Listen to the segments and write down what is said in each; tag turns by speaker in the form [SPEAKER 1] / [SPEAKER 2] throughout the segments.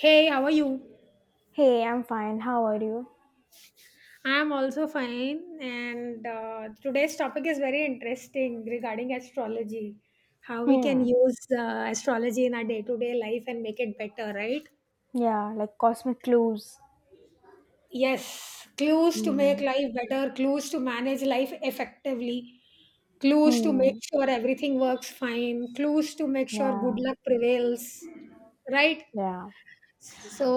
[SPEAKER 1] Hey, how are you?
[SPEAKER 2] Hey, I'm fine. How are you?
[SPEAKER 1] I'm also fine, and today's topic is very interesting regarding astrology. How we can
[SPEAKER 2] Hmm.
[SPEAKER 1] use astrology in our day to day life and make it better, right?
[SPEAKER 2] Yeah, like cosmic clues.
[SPEAKER 1] Yes, clues to make
[SPEAKER 2] Hmm.
[SPEAKER 1] life better, clues to manage life effectively, clues to make
[SPEAKER 2] Hmm.
[SPEAKER 1] sure everything works fine, clues to make sure good
[SPEAKER 2] Yeah.
[SPEAKER 1] luck prevails, right?
[SPEAKER 2] Yeah.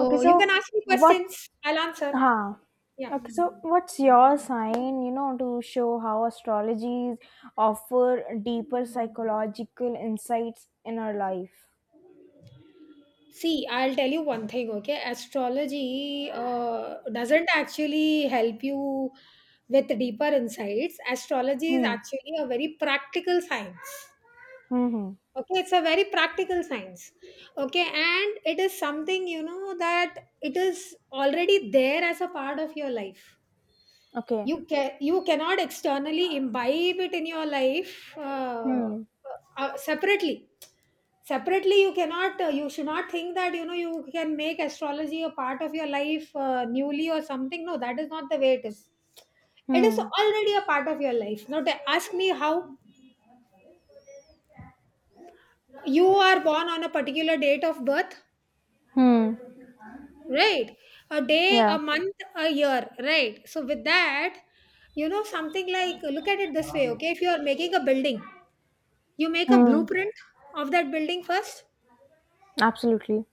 [SPEAKER 2] Okay,
[SPEAKER 1] you can
[SPEAKER 2] so
[SPEAKER 1] ask me
[SPEAKER 2] what's
[SPEAKER 1] questions, I'll answer.
[SPEAKER 2] huh?
[SPEAKER 1] Yeah.
[SPEAKER 2] Okay, so what's your sign, you know, to show how astrologies offer deeper psychological insights in our life?
[SPEAKER 1] See, I'll tell you one thing, okay? Astrology doesn't actually help you with deeper insights. Astrology is
[SPEAKER 2] Hmm.
[SPEAKER 1] actually a very practical science.
[SPEAKER 2] Mm-hmm.
[SPEAKER 1] Okay, it's a very practical science. Okay, and it is something you know that it is already there as a part of your life.
[SPEAKER 2] Okay.
[SPEAKER 1] You cannot externally imbibe it in your life
[SPEAKER 2] Hmm.
[SPEAKER 1] separately. Separately, you cannot, you should not think that, you know, you can make astrology a part of your life newly or something. No, that is not the way it is. It is
[SPEAKER 2] Hmm.
[SPEAKER 1] already a part of your life. Now, to ask me how you are born on a particular date of birth,
[SPEAKER 2] Hmm.
[SPEAKER 1] right? A day,
[SPEAKER 2] Yeah.
[SPEAKER 1] a month, a year, right? So, with that, you know, something like look at it this way, okay? If you are making a building, you make a
[SPEAKER 2] Hmm.
[SPEAKER 1] blueprint of that building first.
[SPEAKER 2] Absolutely.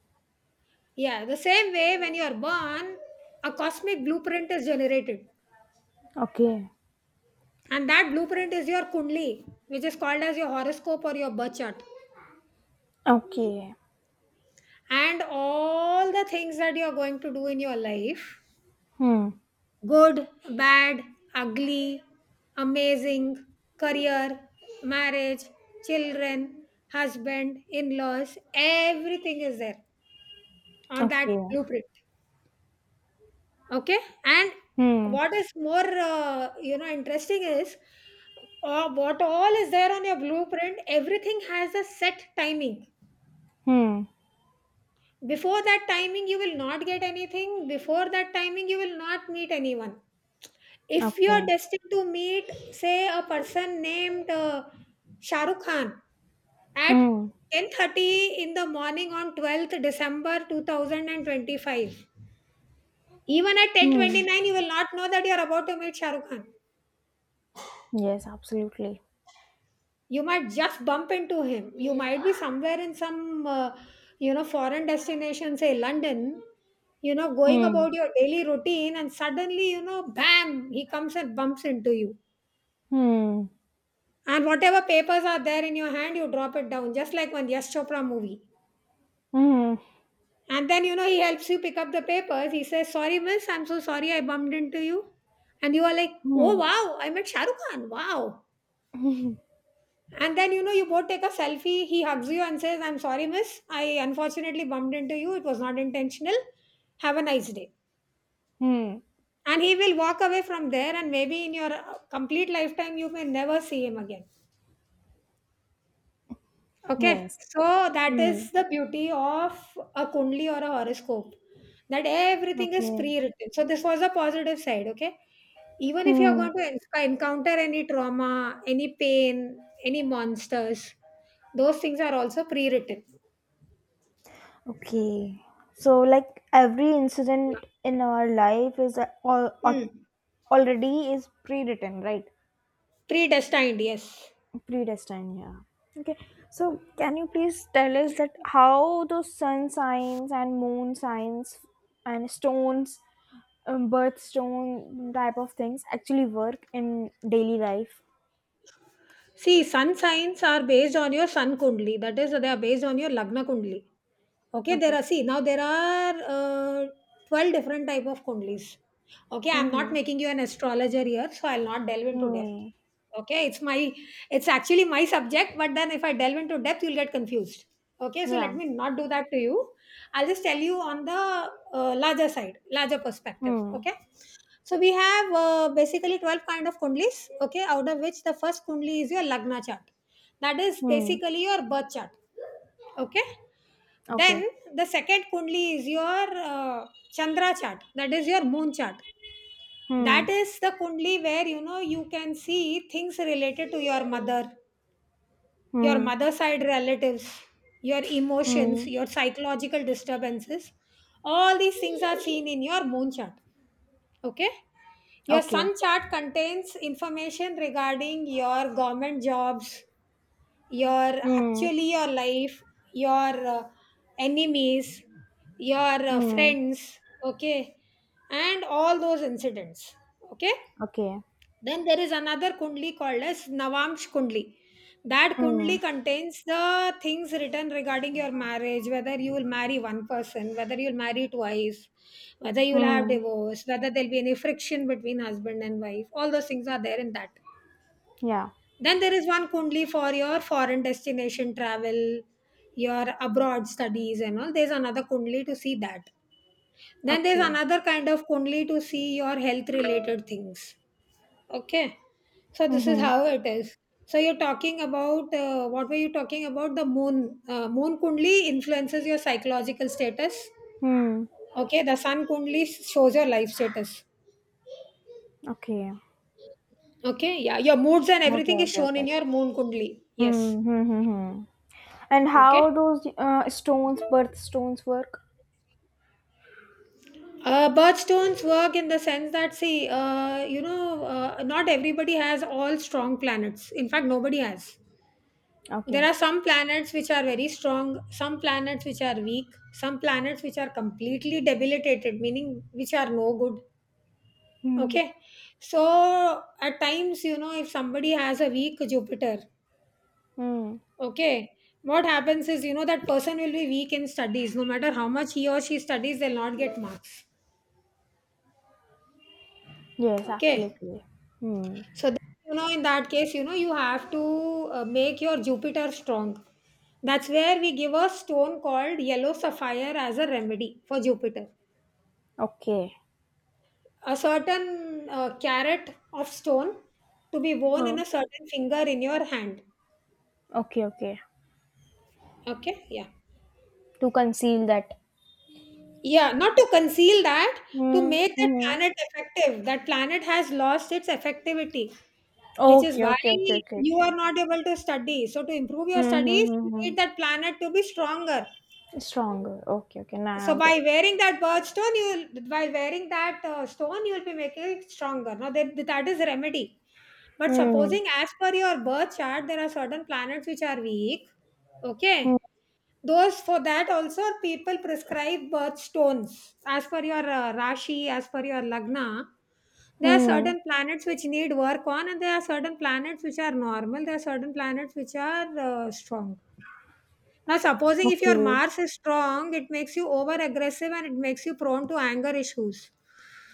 [SPEAKER 1] Yeah, the same way when you are born, a cosmic blueprint is generated.
[SPEAKER 2] Okay.
[SPEAKER 1] And that blueprint is your Kundli, which is called as your horoscope or your birth chart.
[SPEAKER 2] Okay.
[SPEAKER 1] And all the things that you are going to do in your life,
[SPEAKER 2] Hmm.
[SPEAKER 1] good, bad, ugly, amazing, career, marriage, children, husband, in laws, everything is there on
[SPEAKER 2] Okay.
[SPEAKER 1] that blueprint. Okay. And
[SPEAKER 2] Hmm.
[SPEAKER 1] what is more you know, interesting is what all is there on your blueprint, everything has a set timing.
[SPEAKER 2] Hmm.
[SPEAKER 1] Before that timing you will not get anything, before that timing you will not meet anyone. If you
[SPEAKER 2] Okay.
[SPEAKER 1] are destined to meet say a person named Shah Rukh Khan at
[SPEAKER 2] Hmm.
[SPEAKER 1] 10:30 in the morning on 12th December 2025, even at
[SPEAKER 2] Hmm.
[SPEAKER 1] 10:29 you will not know that you are about to meet Shah Rukh Khan.
[SPEAKER 2] Yes, absolutely.
[SPEAKER 1] You might just bump into him. You might be somewhere in some you know, foreign destination, say London, you know, going about
[SPEAKER 2] Hmm.
[SPEAKER 1] your daily routine, and suddenly, you know, bam, he comes and bumps into you,
[SPEAKER 2] Hmm.
[SPEAKER 1] and whatever papers are there in your hand you drop it down, just like one Yash Chopra movie.
[SPEAKER 2] Hmm.
[SPEAKER 1] And then, you know, he helps you pick up the papers. He says, sorry miss, I'm so sorry I bumped into you. And you are like, oh
[SPEAKER 2] Hmm.
[SPEAKER 1] wow, I met shahrukh khan, wow. And then, you know, you both take a selfie. He hugs you and says, I'm sorry, miss. I unfortunately bumped into you. It was not intentional. Have a nice day.
[SPEAKER 2] Hmm.
[SPEAKER 1] And he will walk away from there, and maybe in your complete lifetime, you may never see him again. Okay.
[SPEAKER 2] Yes.
[SPEAKER 1] So that
[SPEAKER 2] Hmm.
[SPEAKER 1] is the beauty of a Kundli or a horoscope, that everything is
[SPEAKER 2] Okay.
[SPEAKER 1] pre written. So this was a positive side. Okay. Even if you're
[SPEAKER 2] Hmm.
[SPEAKER 1] going to encounter any trauma, any pain, any monsters, those things are also pre written.
[SPEAKER 2] Okay. So, like, every incident in our life is already is pre-written, right?
[SPEAKER 1] Predestined, yes.
[SPEAKER 2] Predestined. Yeah. Okay. So, can you please tell us that how those sun signs and moon signs and stones birthstone type of things actually work in daily life.
[SPEAKER 1] See, sun signs are based on your sun kundli. That is, they are based on your lagna kundli. Okay, there
[SPEAKER 2] Okay.
[SPEAKER 1] are, see now there are 12 different type of kundlis. Okay, I'm not
[SPEAKER 2] Mm-hmm.
[SPEAKER 1] making you an astrologer here, so I'll not delve into depth.
[SPEAKER 2] Hmm.
[SPEAKER 1] Okay, it's actually my subject, but then if I delve into depth, you'll get confused. Okay, so let
[SPEAKER 2] Yeah.
[SPEAKER 1] me not do that to you. I'll just tell you on the larger side, larger perspective.
[SPEAKER 2] Hmm.
[SPEAKER 1] Okay. So we have basically 12 kind of kundlis, okay, out of which the first kundli is your lagna chart. That is
[SPEAKER 2] Hmm.
[SPEAKER 1] basically your birth chart, okay.
[SPEAKER 2] Okay.
[SPEAKER 1] Then the second kundli is your uh, chandra chart, that is your moon chart.
[SPEAKER 2] Hmm.
[SPEAKER 1] That is the kundli where, you know, you can see things related to your
[SPEAKER 2] Hmm.
[SPEAKER 1] mother side relatives, your
[SPEAKER 2] Hmm.
[SPEAKER 1] emotions, your psychological disturbances. All these things are seen in your moon chart, okay. Your
[SPEAKER 2] Okay.
[SPEAKER 1] sun chart contains information regarding your government jobs, your,
[SPEAKER 2] Hmm.
[SPEAKER 1] actually, your life, your enemies, your
[SPEAKER 2] Hmm.
[SPEAKER 1] friends, okay, and all those incidents, okay.
[SPEAKER 2] Okay.
[SPEAKER 1] Then there is another kundli called as Navamsh Kundli. That
[SPEAKER 2] Hmm.
[SPEAKER 1] kundli contains the things written regarding your marriage, whether you will marry one person, whether you'll marry twice, whether you'll have
[SPEAKER 2] Hmm.
[SPEAKER 1] divorce, whether there'll be any friction between husband and wife. All those things are there in that.
[SPEAKER 2] Yeah.
[SPEAKER 1] Then there is one kundli for your foreign destination travel, your abroad studies and all. There's another kundli to see that. Then there's
[SPEAKER 2] Okay.
[SPEAKER 1] another kind of kundli to see your health related things. Okay, so this is
[SPEAKER 2] Mm-hmm.
[SPEAKER 1] how it is. So you're talking about what were you talking about? The moon, moon kundli influences your psychological status.
[SPEAKER 2] Hmm.
[SPEAKER 1] Okay, the sun kundli shows your life status.
[SPEAKER 2] Okay.
[SPEAKER 1] Okay, yeah, your moods and
[SPEAKER 2] Okay.
[SPEAKER 1] everything is
[SPEAKER 2] Okay.
[SPEAKER 1] shown
[SPEAKER 2] Okay.
[SPEAKER 1] in your moon kundli. Yes.
[SPEAKER 2] Hmm. Hmm. Hmm. hmm. And
[SPEAKER 1] Okay.
[SPEAKER 2] how those stones, birthstones work?
[SPEAKER 1] Birthstones work in the sense that, see, not everybody has all strong planets. In fact, nobody has. There
[SPEAKER 2] Okay.
[SPEAKER 1] are some planets which are very strong, some planets which are weak, some planets which are completely debilitated, meaning which are no good.
[SPEAKER 2] Hmm.
[SPEAKER 1] Okay. So at times, you know, if somebody has a weak Jupiter,
[SPEAKER 2] Hmm.
[SPEAKER 1] okay, what happens is, you know, that person will be weak in studies. No matter how much he or she studies, they'll not get marks.
[SPEAKER 2] Yes,
[SPEAKER 1] Okay.
[SPEAKER 2] absolutely. Hmm.
[SPEAKER 1] So then, you know, in that case, you know, you have to make your Jupiter strong. That's where we give a stone called yellow sapphire as a remedy for Jupiter.
[SPEAKER 2] Okay.
[SPEAKER 1] A certain carat of stone to be worn
[SPEAKER 2] Huh.
[SPEAKER 1] in a certain finger in your hand.
[SPEAKER 2] Okay, okay.
[SPEAKER 1] Okay, yeah.
[SPEAKER 2] To conceal that.
[SPEAKER 1] Yeah, not to conceal that, to
[SPEAKER 2] Mm,
[SPEAKER 1] make that
[SPEAKER 2] mhm.
[SPEAKER 1] planet effective. That planet has lost its effectivity, which is
[SPEAKER 2] Okay,
[SPEAKER 1] why
[SPEAKER 2] okay, okay, okay,
[SPEAKER 1] you
[SPEAKER 2] okay.
[SPEAKER 1] are not able to study. So, to improve your studies, you
[SPEAKER 2] Mm-hmm.
[SPEAKER 1] need that planet to be stronger.
[SPEAKER 2] Stronger. Okay, okay.
[SPEAKER 1] So
[SPEAKER 2] Now I got it.
[SPEAKER 1] by wearing that birch stone, you will, by wearing that stone, you will be making it stronger. Now that is remedy. But
[SPEAKER 2] Hmm.
[SPEAKER 1] supposing as per your birth chart, there are certain planets which are weak.
[SPEAKER 2] Hmm.
[SPEAKER 1] Okay, those, for that also people prescribe birth stones as per your Rashi, as per your Lagna. There are
[SPEAKER 2] Hmm.
[SPEAKER 1] certain planets which need work on, and there are certain planets which are normal. There are certain planets which are strong. Now, supposing if your
[SPEAKER 2] Okay.
[SPEAKER 1] Mars is strong, it makes you over aggressive and it makes you prone to anger issues.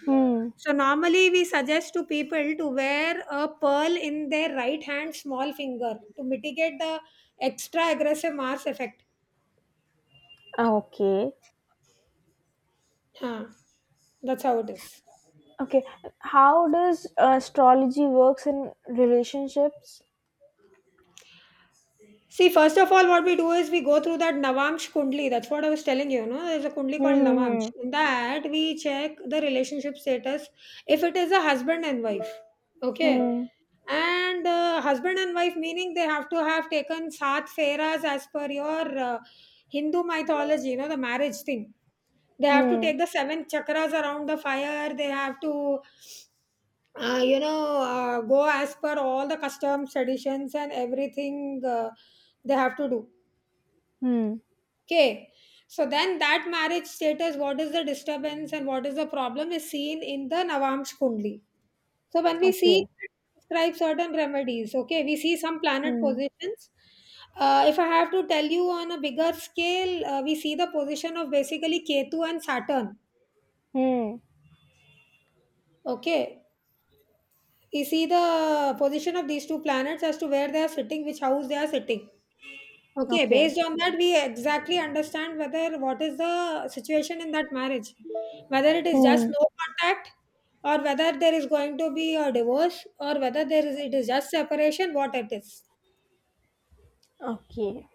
[SPEAKER 2] Hmm.
[SPEAKER 1] So, normally we suggest to people to wear a pearl in their right hand small finger to mitigate the extra aggressive Mars effect.
[SPEAKER 2] Ah, okay.
[SPEAKER 1] Huh. That's how it is.
[SPEAKER 2] Okay. How does astrology works in relationships?
[SPEAKER 1] See, first of all, what we do is we go through that Navamsh Kundli. That's what I was telling you, no? There's a Kundli called Navamsh.
[SPEAKER 2] Hmm.
[SPEAKER 1] In that, we check the relationship status if it is a husband and wife. Okay.
[SPEAKER 2] Hmm.
[SPEAKER 1] And husband and wife, meaning they have to have taken Saat Feras as per your Hindu mythology, you know, the marriage thing. They
[SPEAKER 2] Hmm.
[SPEAKER 1] have to
[SPEAKER 2] Hmm.
[SPEAKER 1] take the seven chakras around the fire. They have to, go as per all the customs, traditions, and everything they have to do.
[SPEAKER 2] Hmm. Hmm.
[SPEAKER 1] Okay. So then that marriage status, what is the disturbance and what is the problem is seen in the Navamsh Kundli. So when we see,
[SPEAKER 2] Okay.
[SPEAKER 1] describe certain remedies, okay, we see some planet
[SPEAKER 2] Hmm.
[SPEAKER 1] positions. If I have to tell you on a bigger scale, we see the position of basically Ketu and Saturn.
[SPEAKER 2] Hmm.
[SPEAKER 1] Okay. We see the position of these two planets as to where they are sitting, which house they are sitting. Okay,
[SPEAKER 2] Okay.
[SPEAKER 1] based on that, we exactly understand whether what is the situation in that marriage, whether it is just
[SPEAKER 2] Hmm.
[SPEAKER 1] no contact, or whether there is going to be a divorce, or whether there is it is just separation, what it is,
[SPEAKER 2] Okay.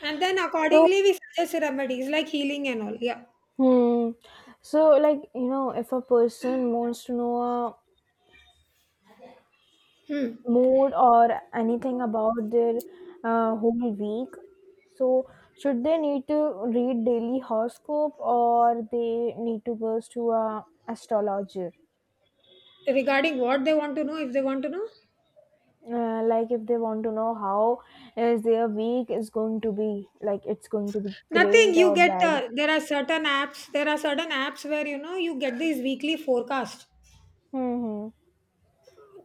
[SPEAKER 1] and then
[SPEAKER 2] So,
[SPEAKER 1] accordingly we suggest remedies like healing and all. Yeah.
[SPEAKER 2] hmm. So, like, you know, if a person wants to know a
[SPEAKER 1] Hmm.
[SPEAKER 2] mood or anything about their whole week, so should they need to read daily horoscope or they need to go to a astrologer?
[SPEAKER 1] Regarding what they want to know, if they want to know,
[SPEAKER 2] Like, if they want to know how is their week is going to be, like, it's going to be
[SPEAKER 1] nothing.
[SPEAKER 2] great
[SPEAKER 1] You
[SPEAKER 2] or
[SPEAKER 1] get
[SPEAKER 2] bad.
[SPEAKER 1] there are certain apps. There are certain apps where, you know, you get these weekly forecast
[SPEAKER 2] Hmm. hmm.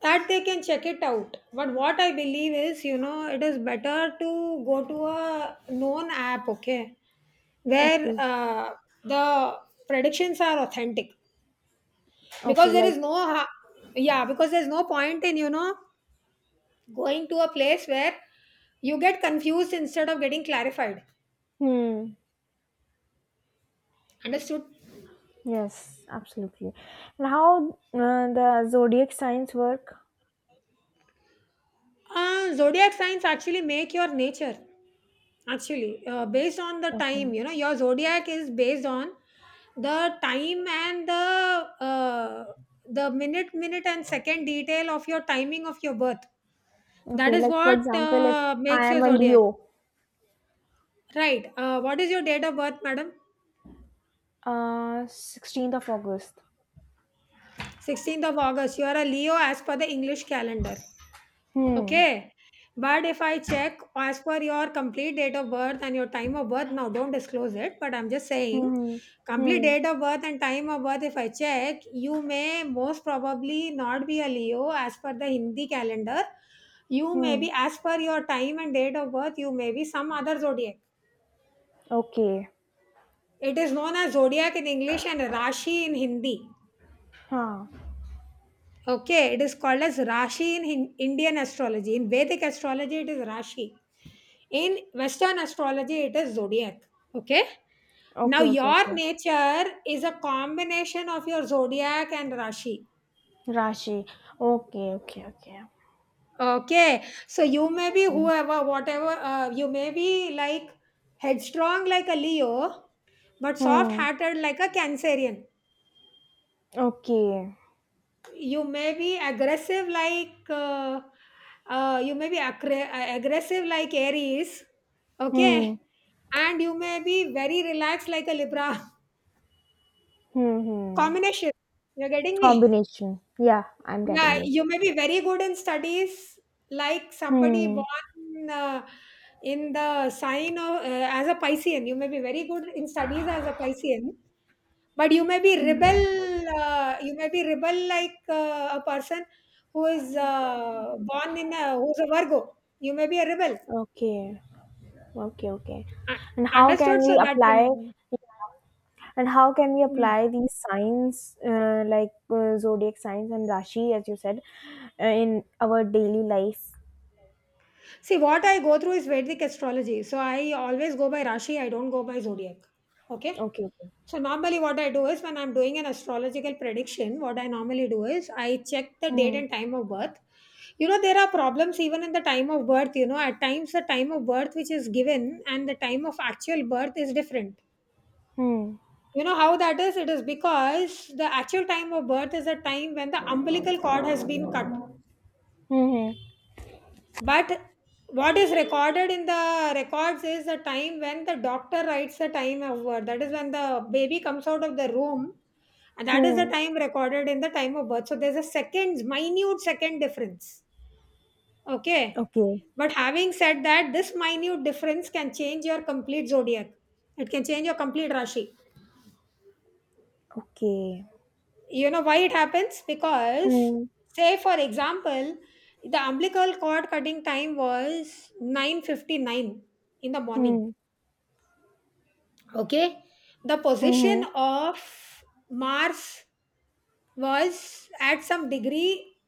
[SPEAKER 1] that they can check it out, but what I believe is, you know, it is better to go to a known app, okay, where
[SPEAKER 2] Okay.
[SPEAKER 1] the predictions are authentic,
[SPEAKER 2] Okay.
[SPEAKER 1] because there
[SPEAKER 2] Like.
[SPEAKER 1] is no ha- yeah, because there's no point in, you know, going to a place where you get confused instead of getting clarified.
[SPEAKER 2] Hmm.
[SPEAKER 1] Understood.
[SPEAKER 2] Yes, absolutely. And how the zodiac signs work?
[SPEAKER 1] Zodiac signs actually make your nature. Actually, based on the
[SPEAKER 2] Okay.
[SPEAKER 1] time, you know, your zodiac is based on the time and the minute and second detail of your timing of your birth. That
[SPEAKER 2] Okay,
[SPEAKER 1] is
[SPEAKER 2] like for
[SPEAKER 1] what
[SPEAKER 2] example, if I
[SPEAKER 1] makes
[SPEAKER 2] am
[SPEAKER 1] your
[SPEAKER 2] a
[SPEAKER 1] zodiac.
[SPEAKER 2] Leo,
[SPEAKER 1] Right. What is your date of birth, madam?
[SPEAKER 2] 16th of August.
[SPEAKER 1] 16th of August. You are a Leo as per the English calendar.
[SPEAKER 2] Hmm.
[SPEAKER 1] Okay. But if I check as per your complete date of birth and your time of birth, now don't disclose it, but I'm just saying
[SPEAKER 2] Hmm.
[SPEAKER 1] complete
[SPEAKER 2] Hmm.
[SPEAKER 1] date of birth and time of birth, if I check, you may most probably not be a Leo as per the Hindi calendar. You may
[SPEAKER 2] Hmm.
[SPEAKER 1] be, as per your time and date of birth, you may be some other zodiac.
[SPEAKER 2] Okay.
[SPEAKER 1] It is known as zodiac in English and Rashi in Hindi.
[SPEAKER 2] Huh.
[SPEAKER 1] Okay, it is called as Rashi in Indian astrology. In Vedic astrology, it is Rashi. In Western astrology, it is zodiac. Okay. Now,
[SPEAKER 2] Okay, okay,
[SPEAKER 1] your
[SPEAKER 2] okay.
[SPEAKER 1] nature is a combination of your zodiac and Rashi.
[SPEAKER 2] Rashi. Okay, okay, okay.
[SPEAKER 1] Okay. So, you may be whoever, whatever, you may be like headstrong like a Leo, but soft
[SPEAKER 2] Hmm.
[SPEAKER 1] hearted like a Cancerian.
[SPEAKER 2] Okay.
[SPEAKER 1] You may be aggressive like you may be aggressive like Aries. Okay.
[SPEAKER 2] Hmm.
[SPEAKER 1] And you may be very relaxed like a Libra.
[SPEAKER 2] Hmm. Hmm.
[SPEAKER 1] Combination, you're getting me?
[SPEAKER 2] Combination. Yeah, I'm
[SPEAKER 1] Yeah,
[SPEAKER 2] getting you.
[SPEAKER 1] you may be very good in studies like somebody
[SPEAKER 2] Hmm.
[SPEAKER 1] born in the sign of as a Piscean. You may be very good in studies as a Piscean. But you may be rebel, you may be rebel like a person who is who's a Virgo. You may be a rebel.
[SPEAKER 2] Okay. Okay, okay.
[SPEAKER 1] Uh,
[SPEAKER 2] And how can
[SPEAKER 1] understood?
[SPEAKER 2] we
[SPEAKER 1] So that
[SPEAKER 2] apply
[SPEAKER 1] can,
[SPEAKER 2] and how can we
[SPEAKER 1] mm.
[SPEAKER 2] apply these signs like zodiac signs and rashi as you said in our daily life?
[SPEAKER 1] See, what I go through is Vedic astrology. So I always go by Rashi. I don't go by zodiac. Okay.
[SPEAKER 2] Okay, okay.
[SPEAKER 1] So normally what I do is when I'm doing an astrological prediction, what I normally do is I check the date
[SPEAKER 2] Hmm.
[SPEAKER 1] and time of birth. You know, there are problems even in the time of birth, you know, at times the time of birth which is given and the time of actual birth is different.
[SPEAKER 2] Hmm.
[SPEAKER 1] You know how that is? It is because the actual time of birth is a time when the umbilical cord has been cut.
[SPEAKER 2] Hmm.
[SPEAKER 1] But what is recorded in the records is the time when the doctor writes the time of birth. That is when the baby comes out of the room, and
[SPEAKER 2] Hmm.
[SPEAKER 1] that is the
[SPEAKER 2] hmm.
[SPEAKER 1] time recorded in the time of birth. So there's a seconds, minute second difference. Okay.
[SPEAKER 2] Okay.
[SPEAKER 1] But having said that, this minute difference can change your complete zodiac. It can change your complete Rashi.
[SPEAKER 2] Okay.
[SPEAKER 1] You know why it happens? Because,
[SPEAKER 2] Hmm.
[SPEAKER 1] say for example, the umbilical cord cutting time was 9:59 in the morning.
[SPEAKER 2] Hmm.
[SPEAKER 1] Okay, the
[SPEAKER 2] Hmm.
[SPEAKER 1] position
[SPEAKER 2] Hmm.
[SPEAKER 1] of Mars was at some degree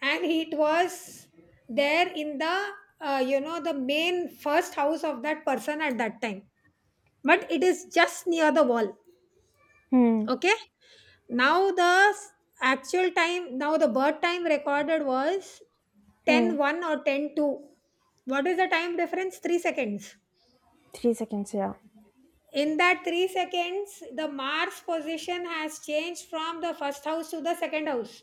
[SPEAKER 1] and it was there in the you know, the main first house of that person at that time, but it is just near the wall.
[SPEAKER 2] Hmm.
[SPEAKER 1] Okay, now the actual time, now the birth time recorded was
[SPEAKER 2] hmm.
[SPEAKER 1] ten one or 10 2. What is the time difference? 3 seconds.
[SPEAKER 2] 3 seconds. Yeah.
[SPEAKER 1] In that 3 seconds, the Mars position has changed from the first house to the second house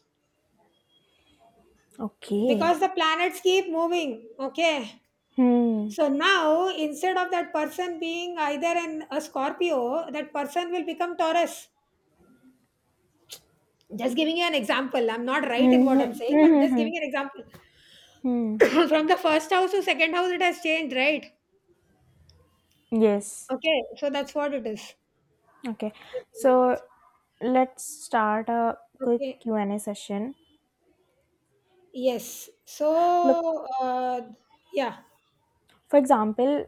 [SPEAKER 2] Okay.
[SPEAKER 1] because the planets keep moving. Okay.
[SPEAKER 2] Hmm.
[SPEAKER 1] So now, instead of that person being either a Scorpio, that person will become Taurus. Just giving you an example. I'm not right in
[SPEAKER 2] Hmm.
[SPEAKER 1] what I'm
[SPEAKER 2] Hmm.
[SPEAKER 1] saying, but
[SPEAKER 2] Hmm.
[SPEAKER 1] just
[SPEAKER 2] Hmm.
[SPEAKER 1] giving an example.
[SPEAKER 2] Hmm. hmm.
[SPEAKER 1] From the first house to second house, it has changed, right?
[SPEAKER 2] Yes.
[SPEAKER 1] Okay. So that's what it is. Just
[SPEAKER 2] Okay,
[SPEAKER 1] give me one
[SPEAKER 2] so
[SPEAKER 1] second.
[SPEAKER 2] let's start a quick
[SPEAKER 1] Okay.
[SPEAKER 2] Q&A session.
[SPEAKER 1] Yes.
[SPEAKER 2] Look,
[SPEAKER 1] So, yeah.
[SPEAKER 2] for example,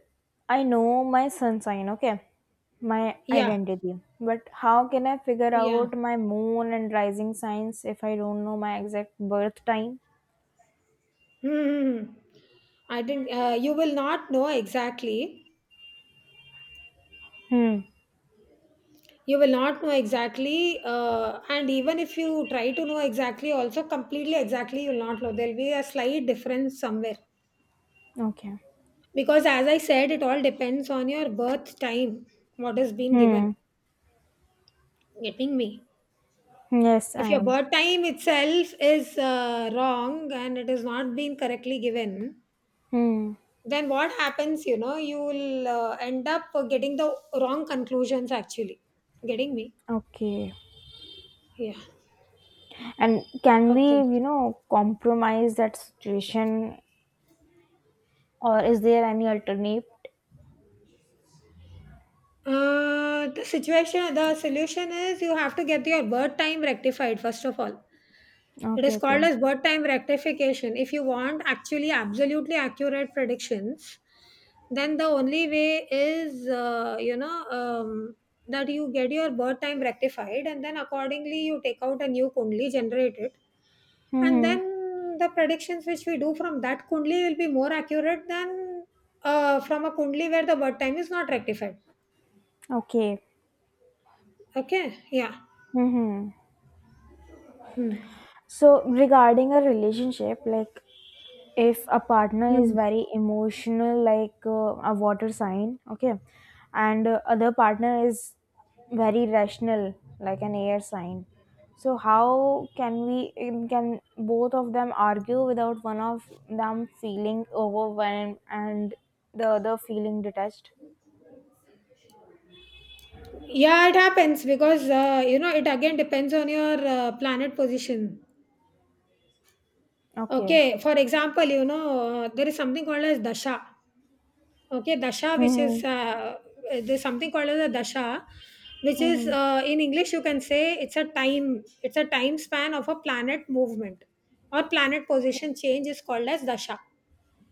[SPEAKER 2] I know my sun sign, okay, my
[SPEAKER 1] Yeah.
[SPEAKER 2] identity, but how can I figure
[SPEAKER 1] Yeah.
[SPEAKER 2] out my moon and rising signs if I don't know my exact birth time?
[SPEAKER 1] Hmm. I think you will not know exactly.
[SPEAKER 2] Hmm.
[SPEAKER 1] You will not know exactly. And even if you try to know exactly, also completely exactly, you will not know. There'll be a slight difference somewhere.
[SPEAKER 2] Okay.
[SPEAKER 1] Because as I said, it all depends on your birth time, what has been
[SPEAKER 2] Hmm.
[SPEAKER 1] given. Getting me?
[SPEAKER 2] Yes, I
[SPEAKER 1] If your
[SPEAKER 2] am.
[SPEAKER 1] birth time itself is wrong and it is not being correctly given,
[SPEAKER 2] Hmm.
[SPEAKER 1] then what happens, you know, you will end up getting the wrong conclusions, actually. Getting me?
[SPEAKER 2] Okay.
[SPEAKER 1] Yeah.
[SPEAKER 2] And can we,
[SPEAKER 1] Okay.
[SPEAKER 2] you know, compromise that situation, or is there any alternate?
[SPEAKER 1] The situation, the solution is you have to get your birth time rectified, first of all. It
[SPEAKER 2] Okay.
[SPEAKER 1] is
[SPEAKER 2] Okay.
[SPEAKER 1] called as birth time rectification. If you want actually absolutely accurate predictions, then the only way is, you know, that you get your birth time rectified and then accordingly you take out a new kundli, generate it, and
[SPEAKER 2] Hmm.
[SPEAKER 1] then the predictions which we do from that kundli will be more accurate than from a kundli where the birth time is not rectified.
[SPEAKER 2] Okay.
[SPEAKER 1] Okay. Yeah.
[SPEAKER 2] Mm-hmm.
[SPEAKER 1] Hmm.
[SPEAKER 2] So regarding a relationship, like if a partner is
[SPEAKER 1] Hmm.
[SPEAKER 2] very emotional, like a water sign, okay, and other partner is very rational, like an air sign. So how can we can both of them argue without one of them feeling overwhelmed and the other feeling detached?
[SPEAKER 1] Yeah, it happens because, you know, it again depends on your planet position.
[SPEAKER 2] Okay.
[SPEAKER 1] Okay, for example, you know, there is something called as dasha. Okay, dasha, which
[SPEAKER 2] Mm-hmm.
[SPEAKER 1] is there's something called as a dasha, which is
[SPEAKER 2] Mm-hmm.
[SPEAKER 1] in English you can say it's a time span of a planet movement or planet position change is called as dasha.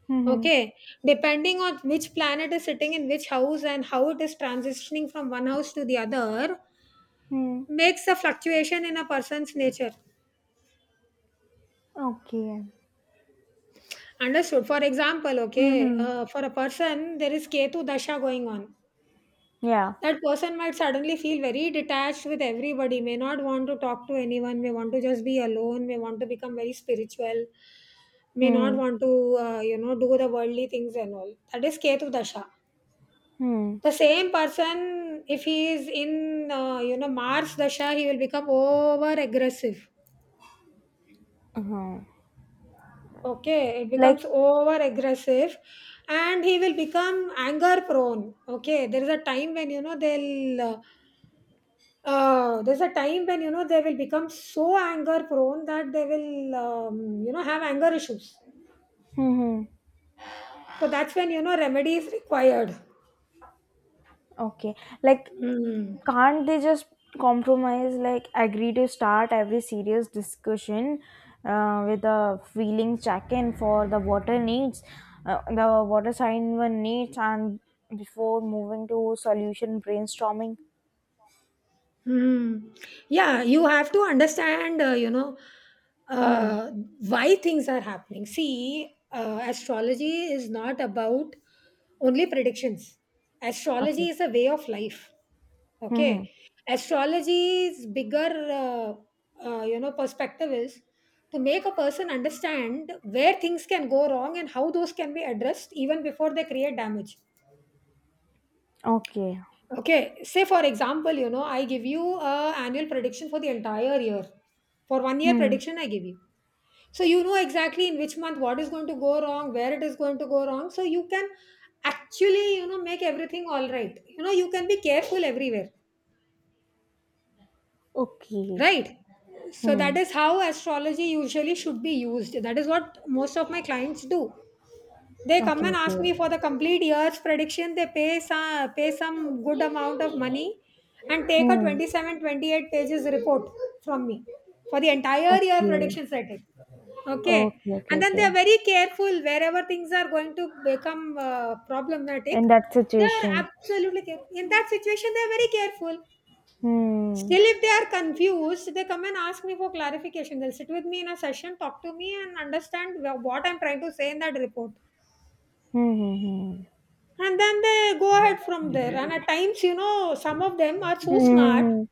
[SPEAKER 2] Mm-hmm.
[SPEAKER 1] Okay, depending on which planet is sitting in which house and how it is transitioning from one house to the other
[SPEAKER 2] Mm-hmm.
[SPEAKER 1] makes a fluctuation in a person's nature.
[SPEAKER 2] Okay.
[SPEAKER 1] Understood. For example, okay,
[SPEAKER 2] Mm-hmm.
[SPEAKER 1] for a person there is Ketu dasha going on.
[SPEAKER 2] Yeah.
[SPEAKER 1] That person might suddenly feel very detached with everybody, may not want to talk to anyone, may want to just be alone, may want to become very spiritual, may not
[SPEAKER 2] Hmm.
[SPEAKER 1] want to, you know, do the worldly things and all. That is Ketu Dasha.
[SPEAKER 2] Hmm.
[SPEAKER 1] The same person, if he is in, you know, Mars Dasha, he will become over aggressive.
[SPEAKER 2] Uh-huh.
[SPEAKER 1] Okay, it
[SPEAKER 2] Like,
[SPEAKER 1] becomes over aggressive and he will become anger prone. Okay, there is a time when, you know, they'll. There's a time when, you know, they will become so anger prone that they will you know, have anger issues.
[SPEAKER 2] mm-hmm.
[SPEAKER 1] So that's when, you know, remedy is required.
[SPEAKER 2] Okay. Like,
[SPEAKER 1] Hmm.
[SPEAKER 2] can't they just compromise, like, agree to start every serious discussion with a feeling check in for the water needs, the water sign one needs, and before moving to solution brainstorming?
[SPEAKER 1] Hmm. Yeah, you have to understand, you know,
[SPEAKER 2] Hmm.
[SPEAKER 1] uh, why things are happening. See, astrology is not about only predictions. Astrology
[SPEAKER 2] Okay.
[SPEAKER 1] is a way of life.
[SPEAKER 2] Mm-hmm.
[SPEAKER 1] Okay, astrology's bigger, uh, you know, perspective is to make a person understand where things can go wrong and how those can be addressed even before they create damage.
[SPEAKER 2] Okay.
[SPEAKER 1] Okay, say for example, you know, I give you a annual prediction for the entire year. For 1 year
[SPEAKER 2] Hmm.
[SPEAKER 1] prediction, I give you. So you know exactly in which month what is going to go wrong, where it is going to go wrong. So you can actually, you know, make everything all right. You know, you can be careful everywhere,
[SPEAKER 2] Okay.
[SPEAKER 1] right? So that
[SPEAKER 2] Hmm.
[SPEAKER 1] is how astrology usually should be used. That is what most of my clients do. They come
[SPEAKER 2] Okay.
[SPEAKER 1] and ask me for
[SPEAKER 2] Okay.
[SPEAKER 1] the complete year's prediction. They pay some good amount of money and take a
[SPEAKER 2] Hmm.
[SPEAKER 1] 27 28 pages report from me for the entire year
[SPEAKER 2] Okay.
[SPEAKER 1] predictions I take. Okay.
[SPEAKER 2] Okay. Okay.
[SPEAKER 1] And then they
[SPEAKER 2] Okay.
[SPEAKER 1] are very careful wherever things are going to become
[SPEAKER 2] In
[SPEAKER 1] problematic.
[SPEAKER 2] that
[SPEAKER 1] They are
[SPEAKER 2] situation.
[SPEAKER 1] absolutely careful. In that situation, they are very careful.
[SPEAKER 2] Hmm.
[SPEAKER 1] Still, if they are confused, they come and ask me for clarification. They'll sit with me in a session, talk to me, and understand what I'm trying to say in that report.
[SPEAKER 2] Hmm. Hmm.
[SPEAKER 1] And then they go ahead from there, and at times, you know, some of them are
[SPEAKER 2] Hmm.
[SPEAKER 1] so smart
[SPEAKER 2] Hmm.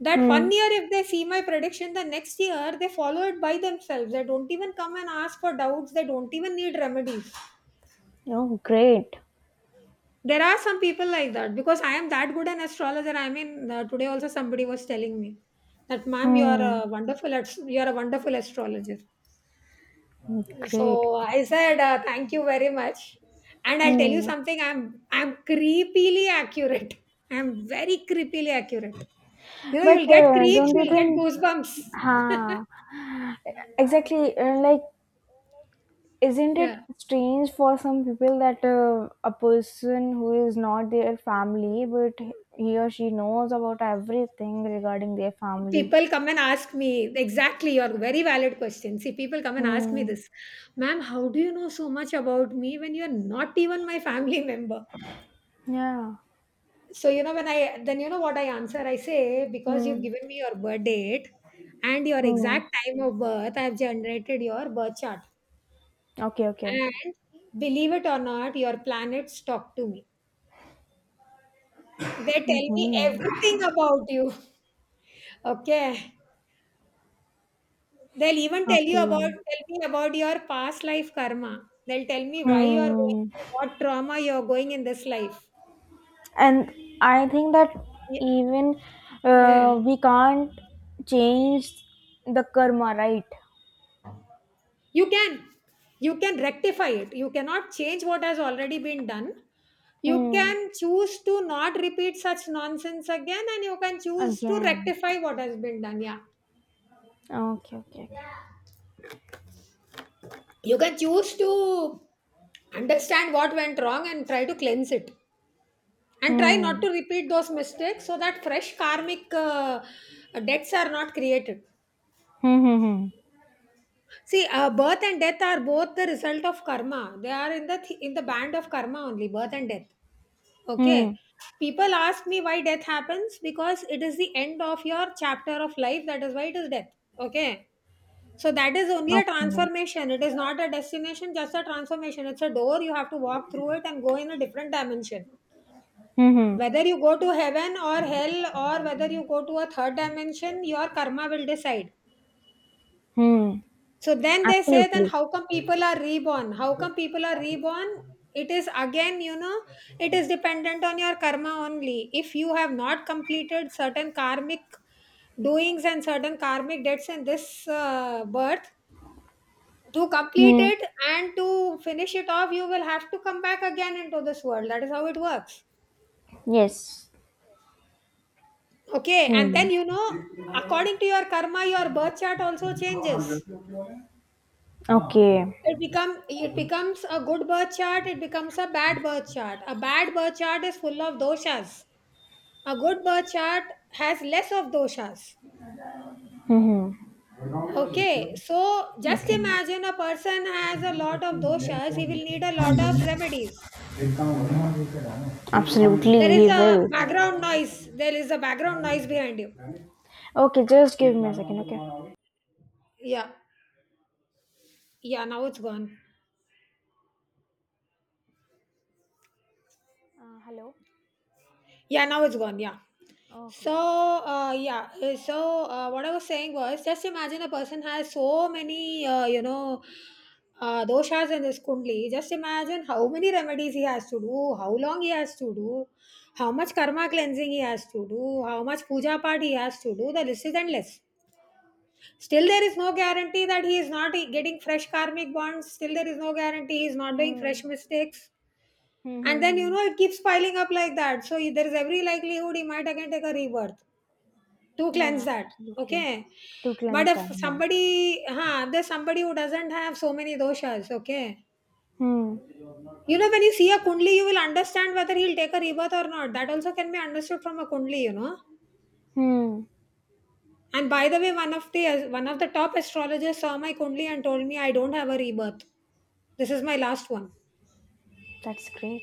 [SPEAKER 1] that
[SPEAKER 2] hmm, hmm.
[SPEAKER 1] 1 year if they see my prediction, the next year they follow it by themselves. They don't even come and ask for doubts. They don't even need remedies.
[SPEAKER 2] Oh, great.
[SPEAKER 1] There are some people like that, because I am that good an astrologer. I mean, today also somebody was telling me that, "Ma'am, you are
[SPEAKER 2] Hmm.
[SPEAKER 1] a you are a wonderful astrologer."
[SPEAKER 2] Great.
[SPEAKER 1] So I said, "Thank you very much." And I'll tell you
[SPEAKER 2] Hmm.
[SPEAKER 1] something. I'm creepily accurate. I'm very creepily accurate. You know,
[SPEAKER 2] But
[SPEAKER 1] you'll get creeps.
[SPEAKER 2] don't you
[SPEAKER 1] You'll get
[SPEAKER 2] think?
[SPEAKER 1] goosebumps.
[SPEAKER 2] Ha. Exactly. Like, isn't it
[SPEAKER 1] Yeah.
[SPEAKER 2] strange for some people that a person who is not their family, but he or she knows about everything regarding their family?
[SPEAKER 1] People come and ask me exactly your very valid question. See, people come and ask me
[SPEAKER 2] Hmm.
[SPEAKER 1] this, "Ma'am, how do you know so much about me when you're not even my family member?"
[SPEAKER 2] Yeah.
[SPEAKER 1] So, you know, when I, then you know what I answer? I say, because you've
[SPEAKER 2] Hmm.
[SPEAKER 1] given me your birth date and your
[SPEAKER 2] Hmm.
[SPEAKER 1] exact time of birth, I've generated your birth chart.
[SPEAKER 2] Okay. Okay.
[SPEAKER 1] And believe it or not, your planets talk to me. They tell me
[SPEAKER 2] Mm-hmm.
[SPEAKER 1] everything about you. Okay. They'll even
[SPEAKER 2] Okay.
[SPEAKER 1] tell me about your past life karma. They'll tell me why you're going
[SPEAKER 2] Hmm.
[SPEAKER 1] through what trauma you're going in this life.
[SPEAKER 2] And I think that
[SPEAKER 1] Ye-
[SPEAKER 2] even
[SPEAKER 1] Yeah.
[SPEAKER 2] we can't change the karma, right?
[SPEAKER 1] you can you can rectify it. You cannot change what has already been done. You
[SPEAKER 2] Hmm.
[SPEAKER 1] can choose to not repeat such nonsense again, and you can choose to
[SPEAKER 2] Again.
[SPEAKER 1] rectify what has been done, yeah.
[SPEAKER 2] Okay, okay, okay.
[SPEAKER 1] You can choose to understand what went wrong and try to cleanse it, and try not
[SPEAKER 2] Hmm.
[SPEAKER 1] to repeat those mistakes so that fresh karmic debts are not created.
[SPEAKER 2] Hmm. Hmm. Hmm.
[SPEAKER 1] See, birth and death are both the result of karma. They are in the band of karma only, birth and death. Okay. People ask me why death happens, because it is the end of your chapter of life. That is why it is death. Okay. So that is
[SPEAKER 2] Hmm.
[SPEAKER 1] only a
[SPEAKER 2] Okay.
[SPEAKER 1] transformation. It is not a destination, just a transformation. It's a door. You have to walk through it and go in a different dimension.
[SPEAKER 2] Hmm. Hmm.
[SPEAKER 1] Whether you go to heaven or hell, or whether you go to a third dimension, your karma will decide.
[SPEAKER 2] Hmm.
[SPEAKER 1] So then they say, then
[SPEAKER 2] Absolutely.
[SPEAKER 1] how come people are reborn? How come people are reborn? It is again, it is dependent on your karma only. If you have not completed certain karmic doings and certain karmic debts in this birth, to complete
[SPEAKER 2] Hmm.
[SPEAKER 1] it and to finish it off, you will have to come back again into this world. That is how it works.
[SPEAKER 2] Yes.
[SPEAKER 1] Okay, and
[SPEAKER 2] Hmm.
[SPEAKER 1] then according to your karma, your birth chart also changes.
[SPEAKER 2] Okay.
[SPEAKER 1] It becomes a good birth chart, it becomes a bad birth chart. A bad birth chart is full of doshas. A good birth chart has less of doshas.
[SPEAKER 2] Hmm. hmm.
[SPEAKER 1] Okay, so just
[SPEAKER 2] Okay.
[SPEAKER 1] imagine a person has a lot of doshas, he will need a lot of remedies. There
[SPEAKER 2] Absolutely,
[SPEAKER 1] is
[SPEAKER 2] he
[SPEAKER 1] a
[SPEAKER 2] will.
[SPEAKER 1] background noise, there is a background noise behind you.
[SPEAKER 2] Okay, just give me a second, okay?
[SPEAKER 1] Yeah. Yeah, now it's gone.
[SPEAKER 2] Hello.
[SPEAKER 1] Yeah, now it's gone, yeah.
[SPEAKER 2] Okay,
[SPEAKER 1] So
[SPEAKER 2] okay.
[SPEAKER 1] yeah, what I was saying was, just imagine a person has so many doshas in this kundli. Just imagine how many remedies he has to do, how long he has to do, how much karma cleansing he has to do, how much puja part he has to do. The list is endless. Still, there is no guarantee that he is not getting fresh karmic bonds. Still, there is no guarantee he is not doing
[SPEAKER 2] Hmm.
[SPEAKER 1] fresh mistakes.
[SPEAKER 2] Hmm.
[SPEAKER 1] And
[SPEAKER 2] Hmm.
[SPEAKER 1] then, you
[SPEAKER 2] hmm.
[SPEAKER 1] know, it keeps piling up like that. So, there is every likelihood he might again take a rebirth to cleanse
[SPEAKER 2] Yeah,
[SPEAKER 1] that.
[SPEAKER 2] absolutely.
[SPEAKER 1] Okay.
[SPEAKER 2] To
[SPEAKER 1] But
[SPEAKER 2] cleanse
[SPEAKER 1] if
[SPEAKER 2] that. Yeah.
[SPEAKER 1] somebody, huh, there's somebody who doesn't have so many doshas, okay.
[SPEAKER 2] Hmm.
[SPEAKER 1] You know, when you see a kundli, you will understand whether he'll take a rebirth or not. That also can be understood from a kundli, you know.
[SPEAKER 2] Hmm.
[SPEAKER 1] And by the way, one of the top astrologers saw my kundli and told me I don't have a rebirth. This is my last one.
[SPEAKER 2] That's great.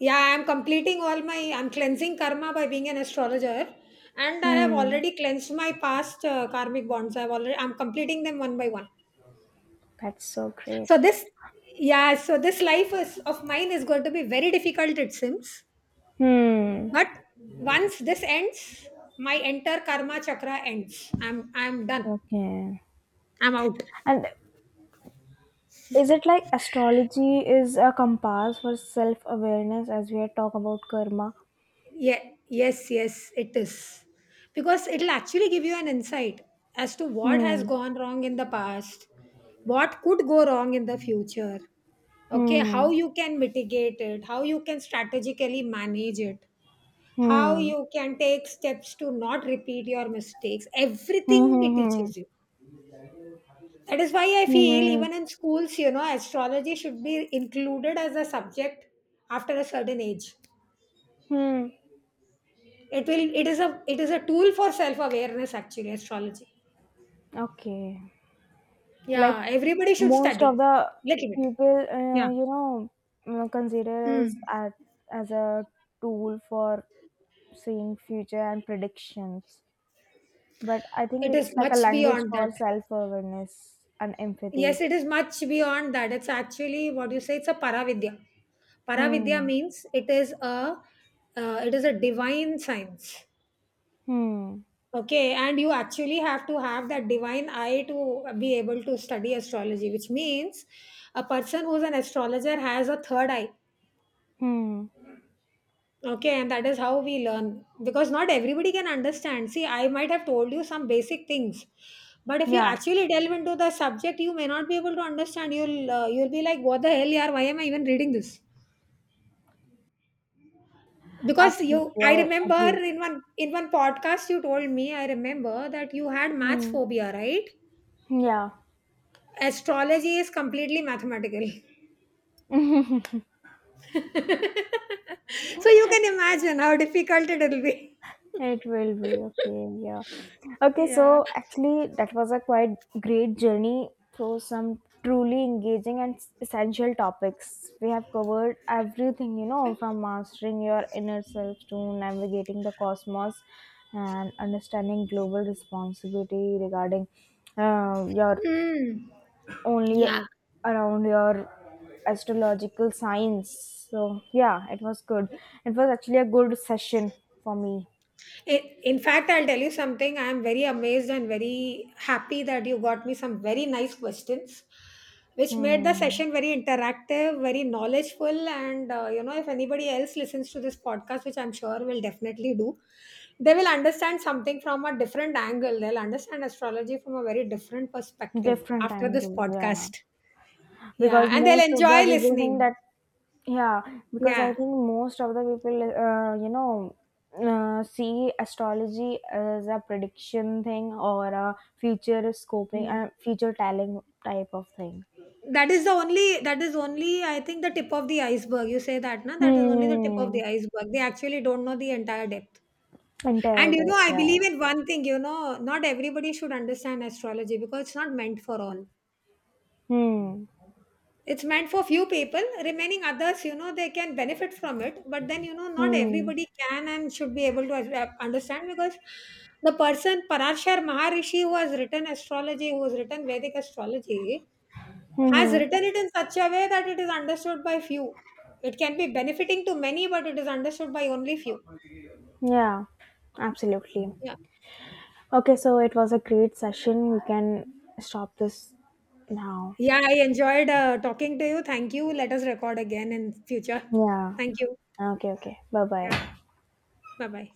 [SPEAKER 1] Yeah, I'm completing all my, I'm cleansing karma by being an astrologer, and I have
[SPEAKER 2] Hmm.
[SPEAKER 1] already cleansed my past karmic bonds. I'm completing them one by one.
[SPEAKER 2] That's so great.
[SPEAKER 1] So this, yeah, so this life is of mine is going to be very difficult. It seems.
[SPEAKER 2] Hmm.
[SPEAKER 1] But once this ends, my entire karma chakra ends. I'm done.
[SPEAKER 2] Okay.
[SPEAKER 1] I'm out.
[SPEAKER 2] And is it like astrology is a compass for self awareness as we had talked about karma?
[SPEAKER 1] Yeah, yes, yes, it is. Because it'll actually give you an insight as to what
[SPEAKER 2] Hmm.
[SPEAKER 1] has gone wrong in the past, what could go wrong in the future. Okay, how
[SPEAKER 2] Hmm.
[SPEAKER 1] you can mitigate it, how you can strategically manage it, how
[SPEAKER 2] Hmm.
[SPEAKER 1] you can take steps to not repeat your mistakes.
[SPEAKER 2] Hmm.
[SPEAKER 1] Everything it
[SPEAKER 2] Hmm.
[SPEAKER 1] teaches you. That is why I feel
[SPEAKER 2] Hmm. Hmm.
[SPEAKER 1] even in schools, you know, astrology should be included as a subject after a certain age.
[SPEAKER 2] Hmm.
[SPEAKER 1] It is a tool for self-awareness actually, astrology.
[SPEAKER 2] Okay. Like
[SPEAKER 1] Yeah, everybody should
[SPEAKER 2] most of
[SPEAKER 1] study.
[SPEAKER 2] the
[SPEAKER 1] Little bit.
[SPEAKER 2] people,
[SPEAKER 1] Yeah.
[SPEAKER 2] you know, consider as
[SPEAKER 1] Mm.
[SPEAKER 2] at, as a tool for seeing future and predictions. But I think
[SPEAKER 1] It
[SPEAKER 2] it's
[SPEAKER 1] is
[SPEAKER 2] like a
[SPEAKER 1] much
[SPEAKER 2] language
[SPEAKER 1] beyond
[SPEAKER 2] for
[SPEAKER 1] that.
[SPEAKER 2] self awareness and empathy.
[SPEAKER 1] Yes, it is much beyond that. It's actually what you say, it's a paravidya. Paravidya
[SPEAKER 2] Hmm.
[SPEAKER 1] means it is a, it is a divine science.
[SPEAKER 2] Hmm.
[SPEAKER 1] Okay, and you actually have to have that divine eye to be able to study astrology, which means a person who's an astrologer has a third eye.
[SPEAKER 2] Hmm.
[SPEAKER 1] Okay, and that is how we learn, because not everybody can understand. See, I might have told you some basic things, but if you
[SPEAKER 2] Yeah,
[SPEAKER 1] actually delve into the subject, you may not be able to understand. You'll be like, "What the hell, yaar? Why am I even reading this?" Because
[SPEAKER 2] absolutely.
[SPEAKER 1] you, I
[SPEAKER 2] I
[SPEAKER 1] remember
[SPEAKER 2] agree.
[SPEAKER 1] in one podcast you told me. I remember that you had maths
[SPEAKER 2] Hmm.
[SPEAKER 1] phobia, right?
[SPEAKER 2] Yeah.
[SPEAKER 1] Astrology is completely mathematical. So you can imagine how difficult it will be.
[SPEAKER 2] It will be okay, yeah. Okay, so actually, that was a quite great journey through some truly engaging and essential topics. We have covered everything, you know, from mastering your inner self to navigating the cosmos and understanding global responsibility regarding your
[SPEAKER 1] Hmm.
[SPEAKER 2] only
[SPEAKER 1] Yeah.
[SPEAKER 2] around your astrological signs. So, yeah, it was good. It was actually a good session for me.
[SPEAKER 1] I- In fact, I'll tell you something. I'm very amazed and very happy that you got me some very nice questions, which made the
[SPEAKER 2] Hmm.
[SPEAKER 1] session very interactive, very knowledgeful. And, you know, if anybody else listens to this podcast, which I'm sure will definitely do, they will understand something from a different angle. They'll understand astrology from a very different perspective
[SPEAKER 2] Different
[SPEAKER 1] after this
[SPEAKER 2] angle, yeah.
[SPEAKER 1] podcast. Yeah,
[SPEAKER 2] Because
[SPEAKER 1] and they'll
[SPEAKER 2] most of the
[SPEAKER 1] enjoy
[SPEAKER 2] people think
[SPEAKER 1] listening.
[SPEAKER 2] that, yeah, because I
[SPEAKER 1] Yeah.
[SPEAKER 2] think most of the people, you know, see astrology as a prediction thing or a future scoping,
[SPEAKER 1] Mm.
[SPEAKER 2] future telling type of thing.
[SPEAKER 1] That is only I think the tip of the iceberg. You say that, na? That is only the tip of
[SPEAKER 2] Hmm.
[SPEAKER 1] the iceberg. They actually don't know the entire depth. And you
[SPEAKER 2] Entirely.
[SPEAKER 1] know, I
[SPEAKER 2] Yeah.
[SPEAKER 1] believe in one thing, you know, not everybody should understand astrology because it's not meant for all.
[SPEAKER 2] Hmm.
[SPEAKER 1] It's meant for few people. Remaining others, you know, they can benefit from it. But then, you know, not
[SPEAKER 2] Hmm.
[SPEAKER 1] everybody can and should be able to understand, because the person Parashar Maharishi, who has written astrology, who has written Vedic astrology, has
[SPEAKER 2] Hmm.
[SPEAKER 1] written it in such a way that it is understood by few. It can be benefiting to many, but it is understood by only few.
[SPEAKER 2] Yeah. Absolutely.
[SPEAKER 1] Yeah.
[SPEAKER 2] Okay,
[SPEAKER 1] Yeah,
[SPEAKER 2] so it was a great session. We can stop this now.
[SPEAKER 1] yeah, I enjoyed talking to you. Thank you. Let us record again in future.
[SPEAKER 2] Yeah.
[SPEAKER 1] Thank you.
[SPEAKER 2] Okay, okay. Bye
[SPEAKER 1] Yeah.
[SPEAKER 2] bye.
[SPEAKER 1] Bye bye.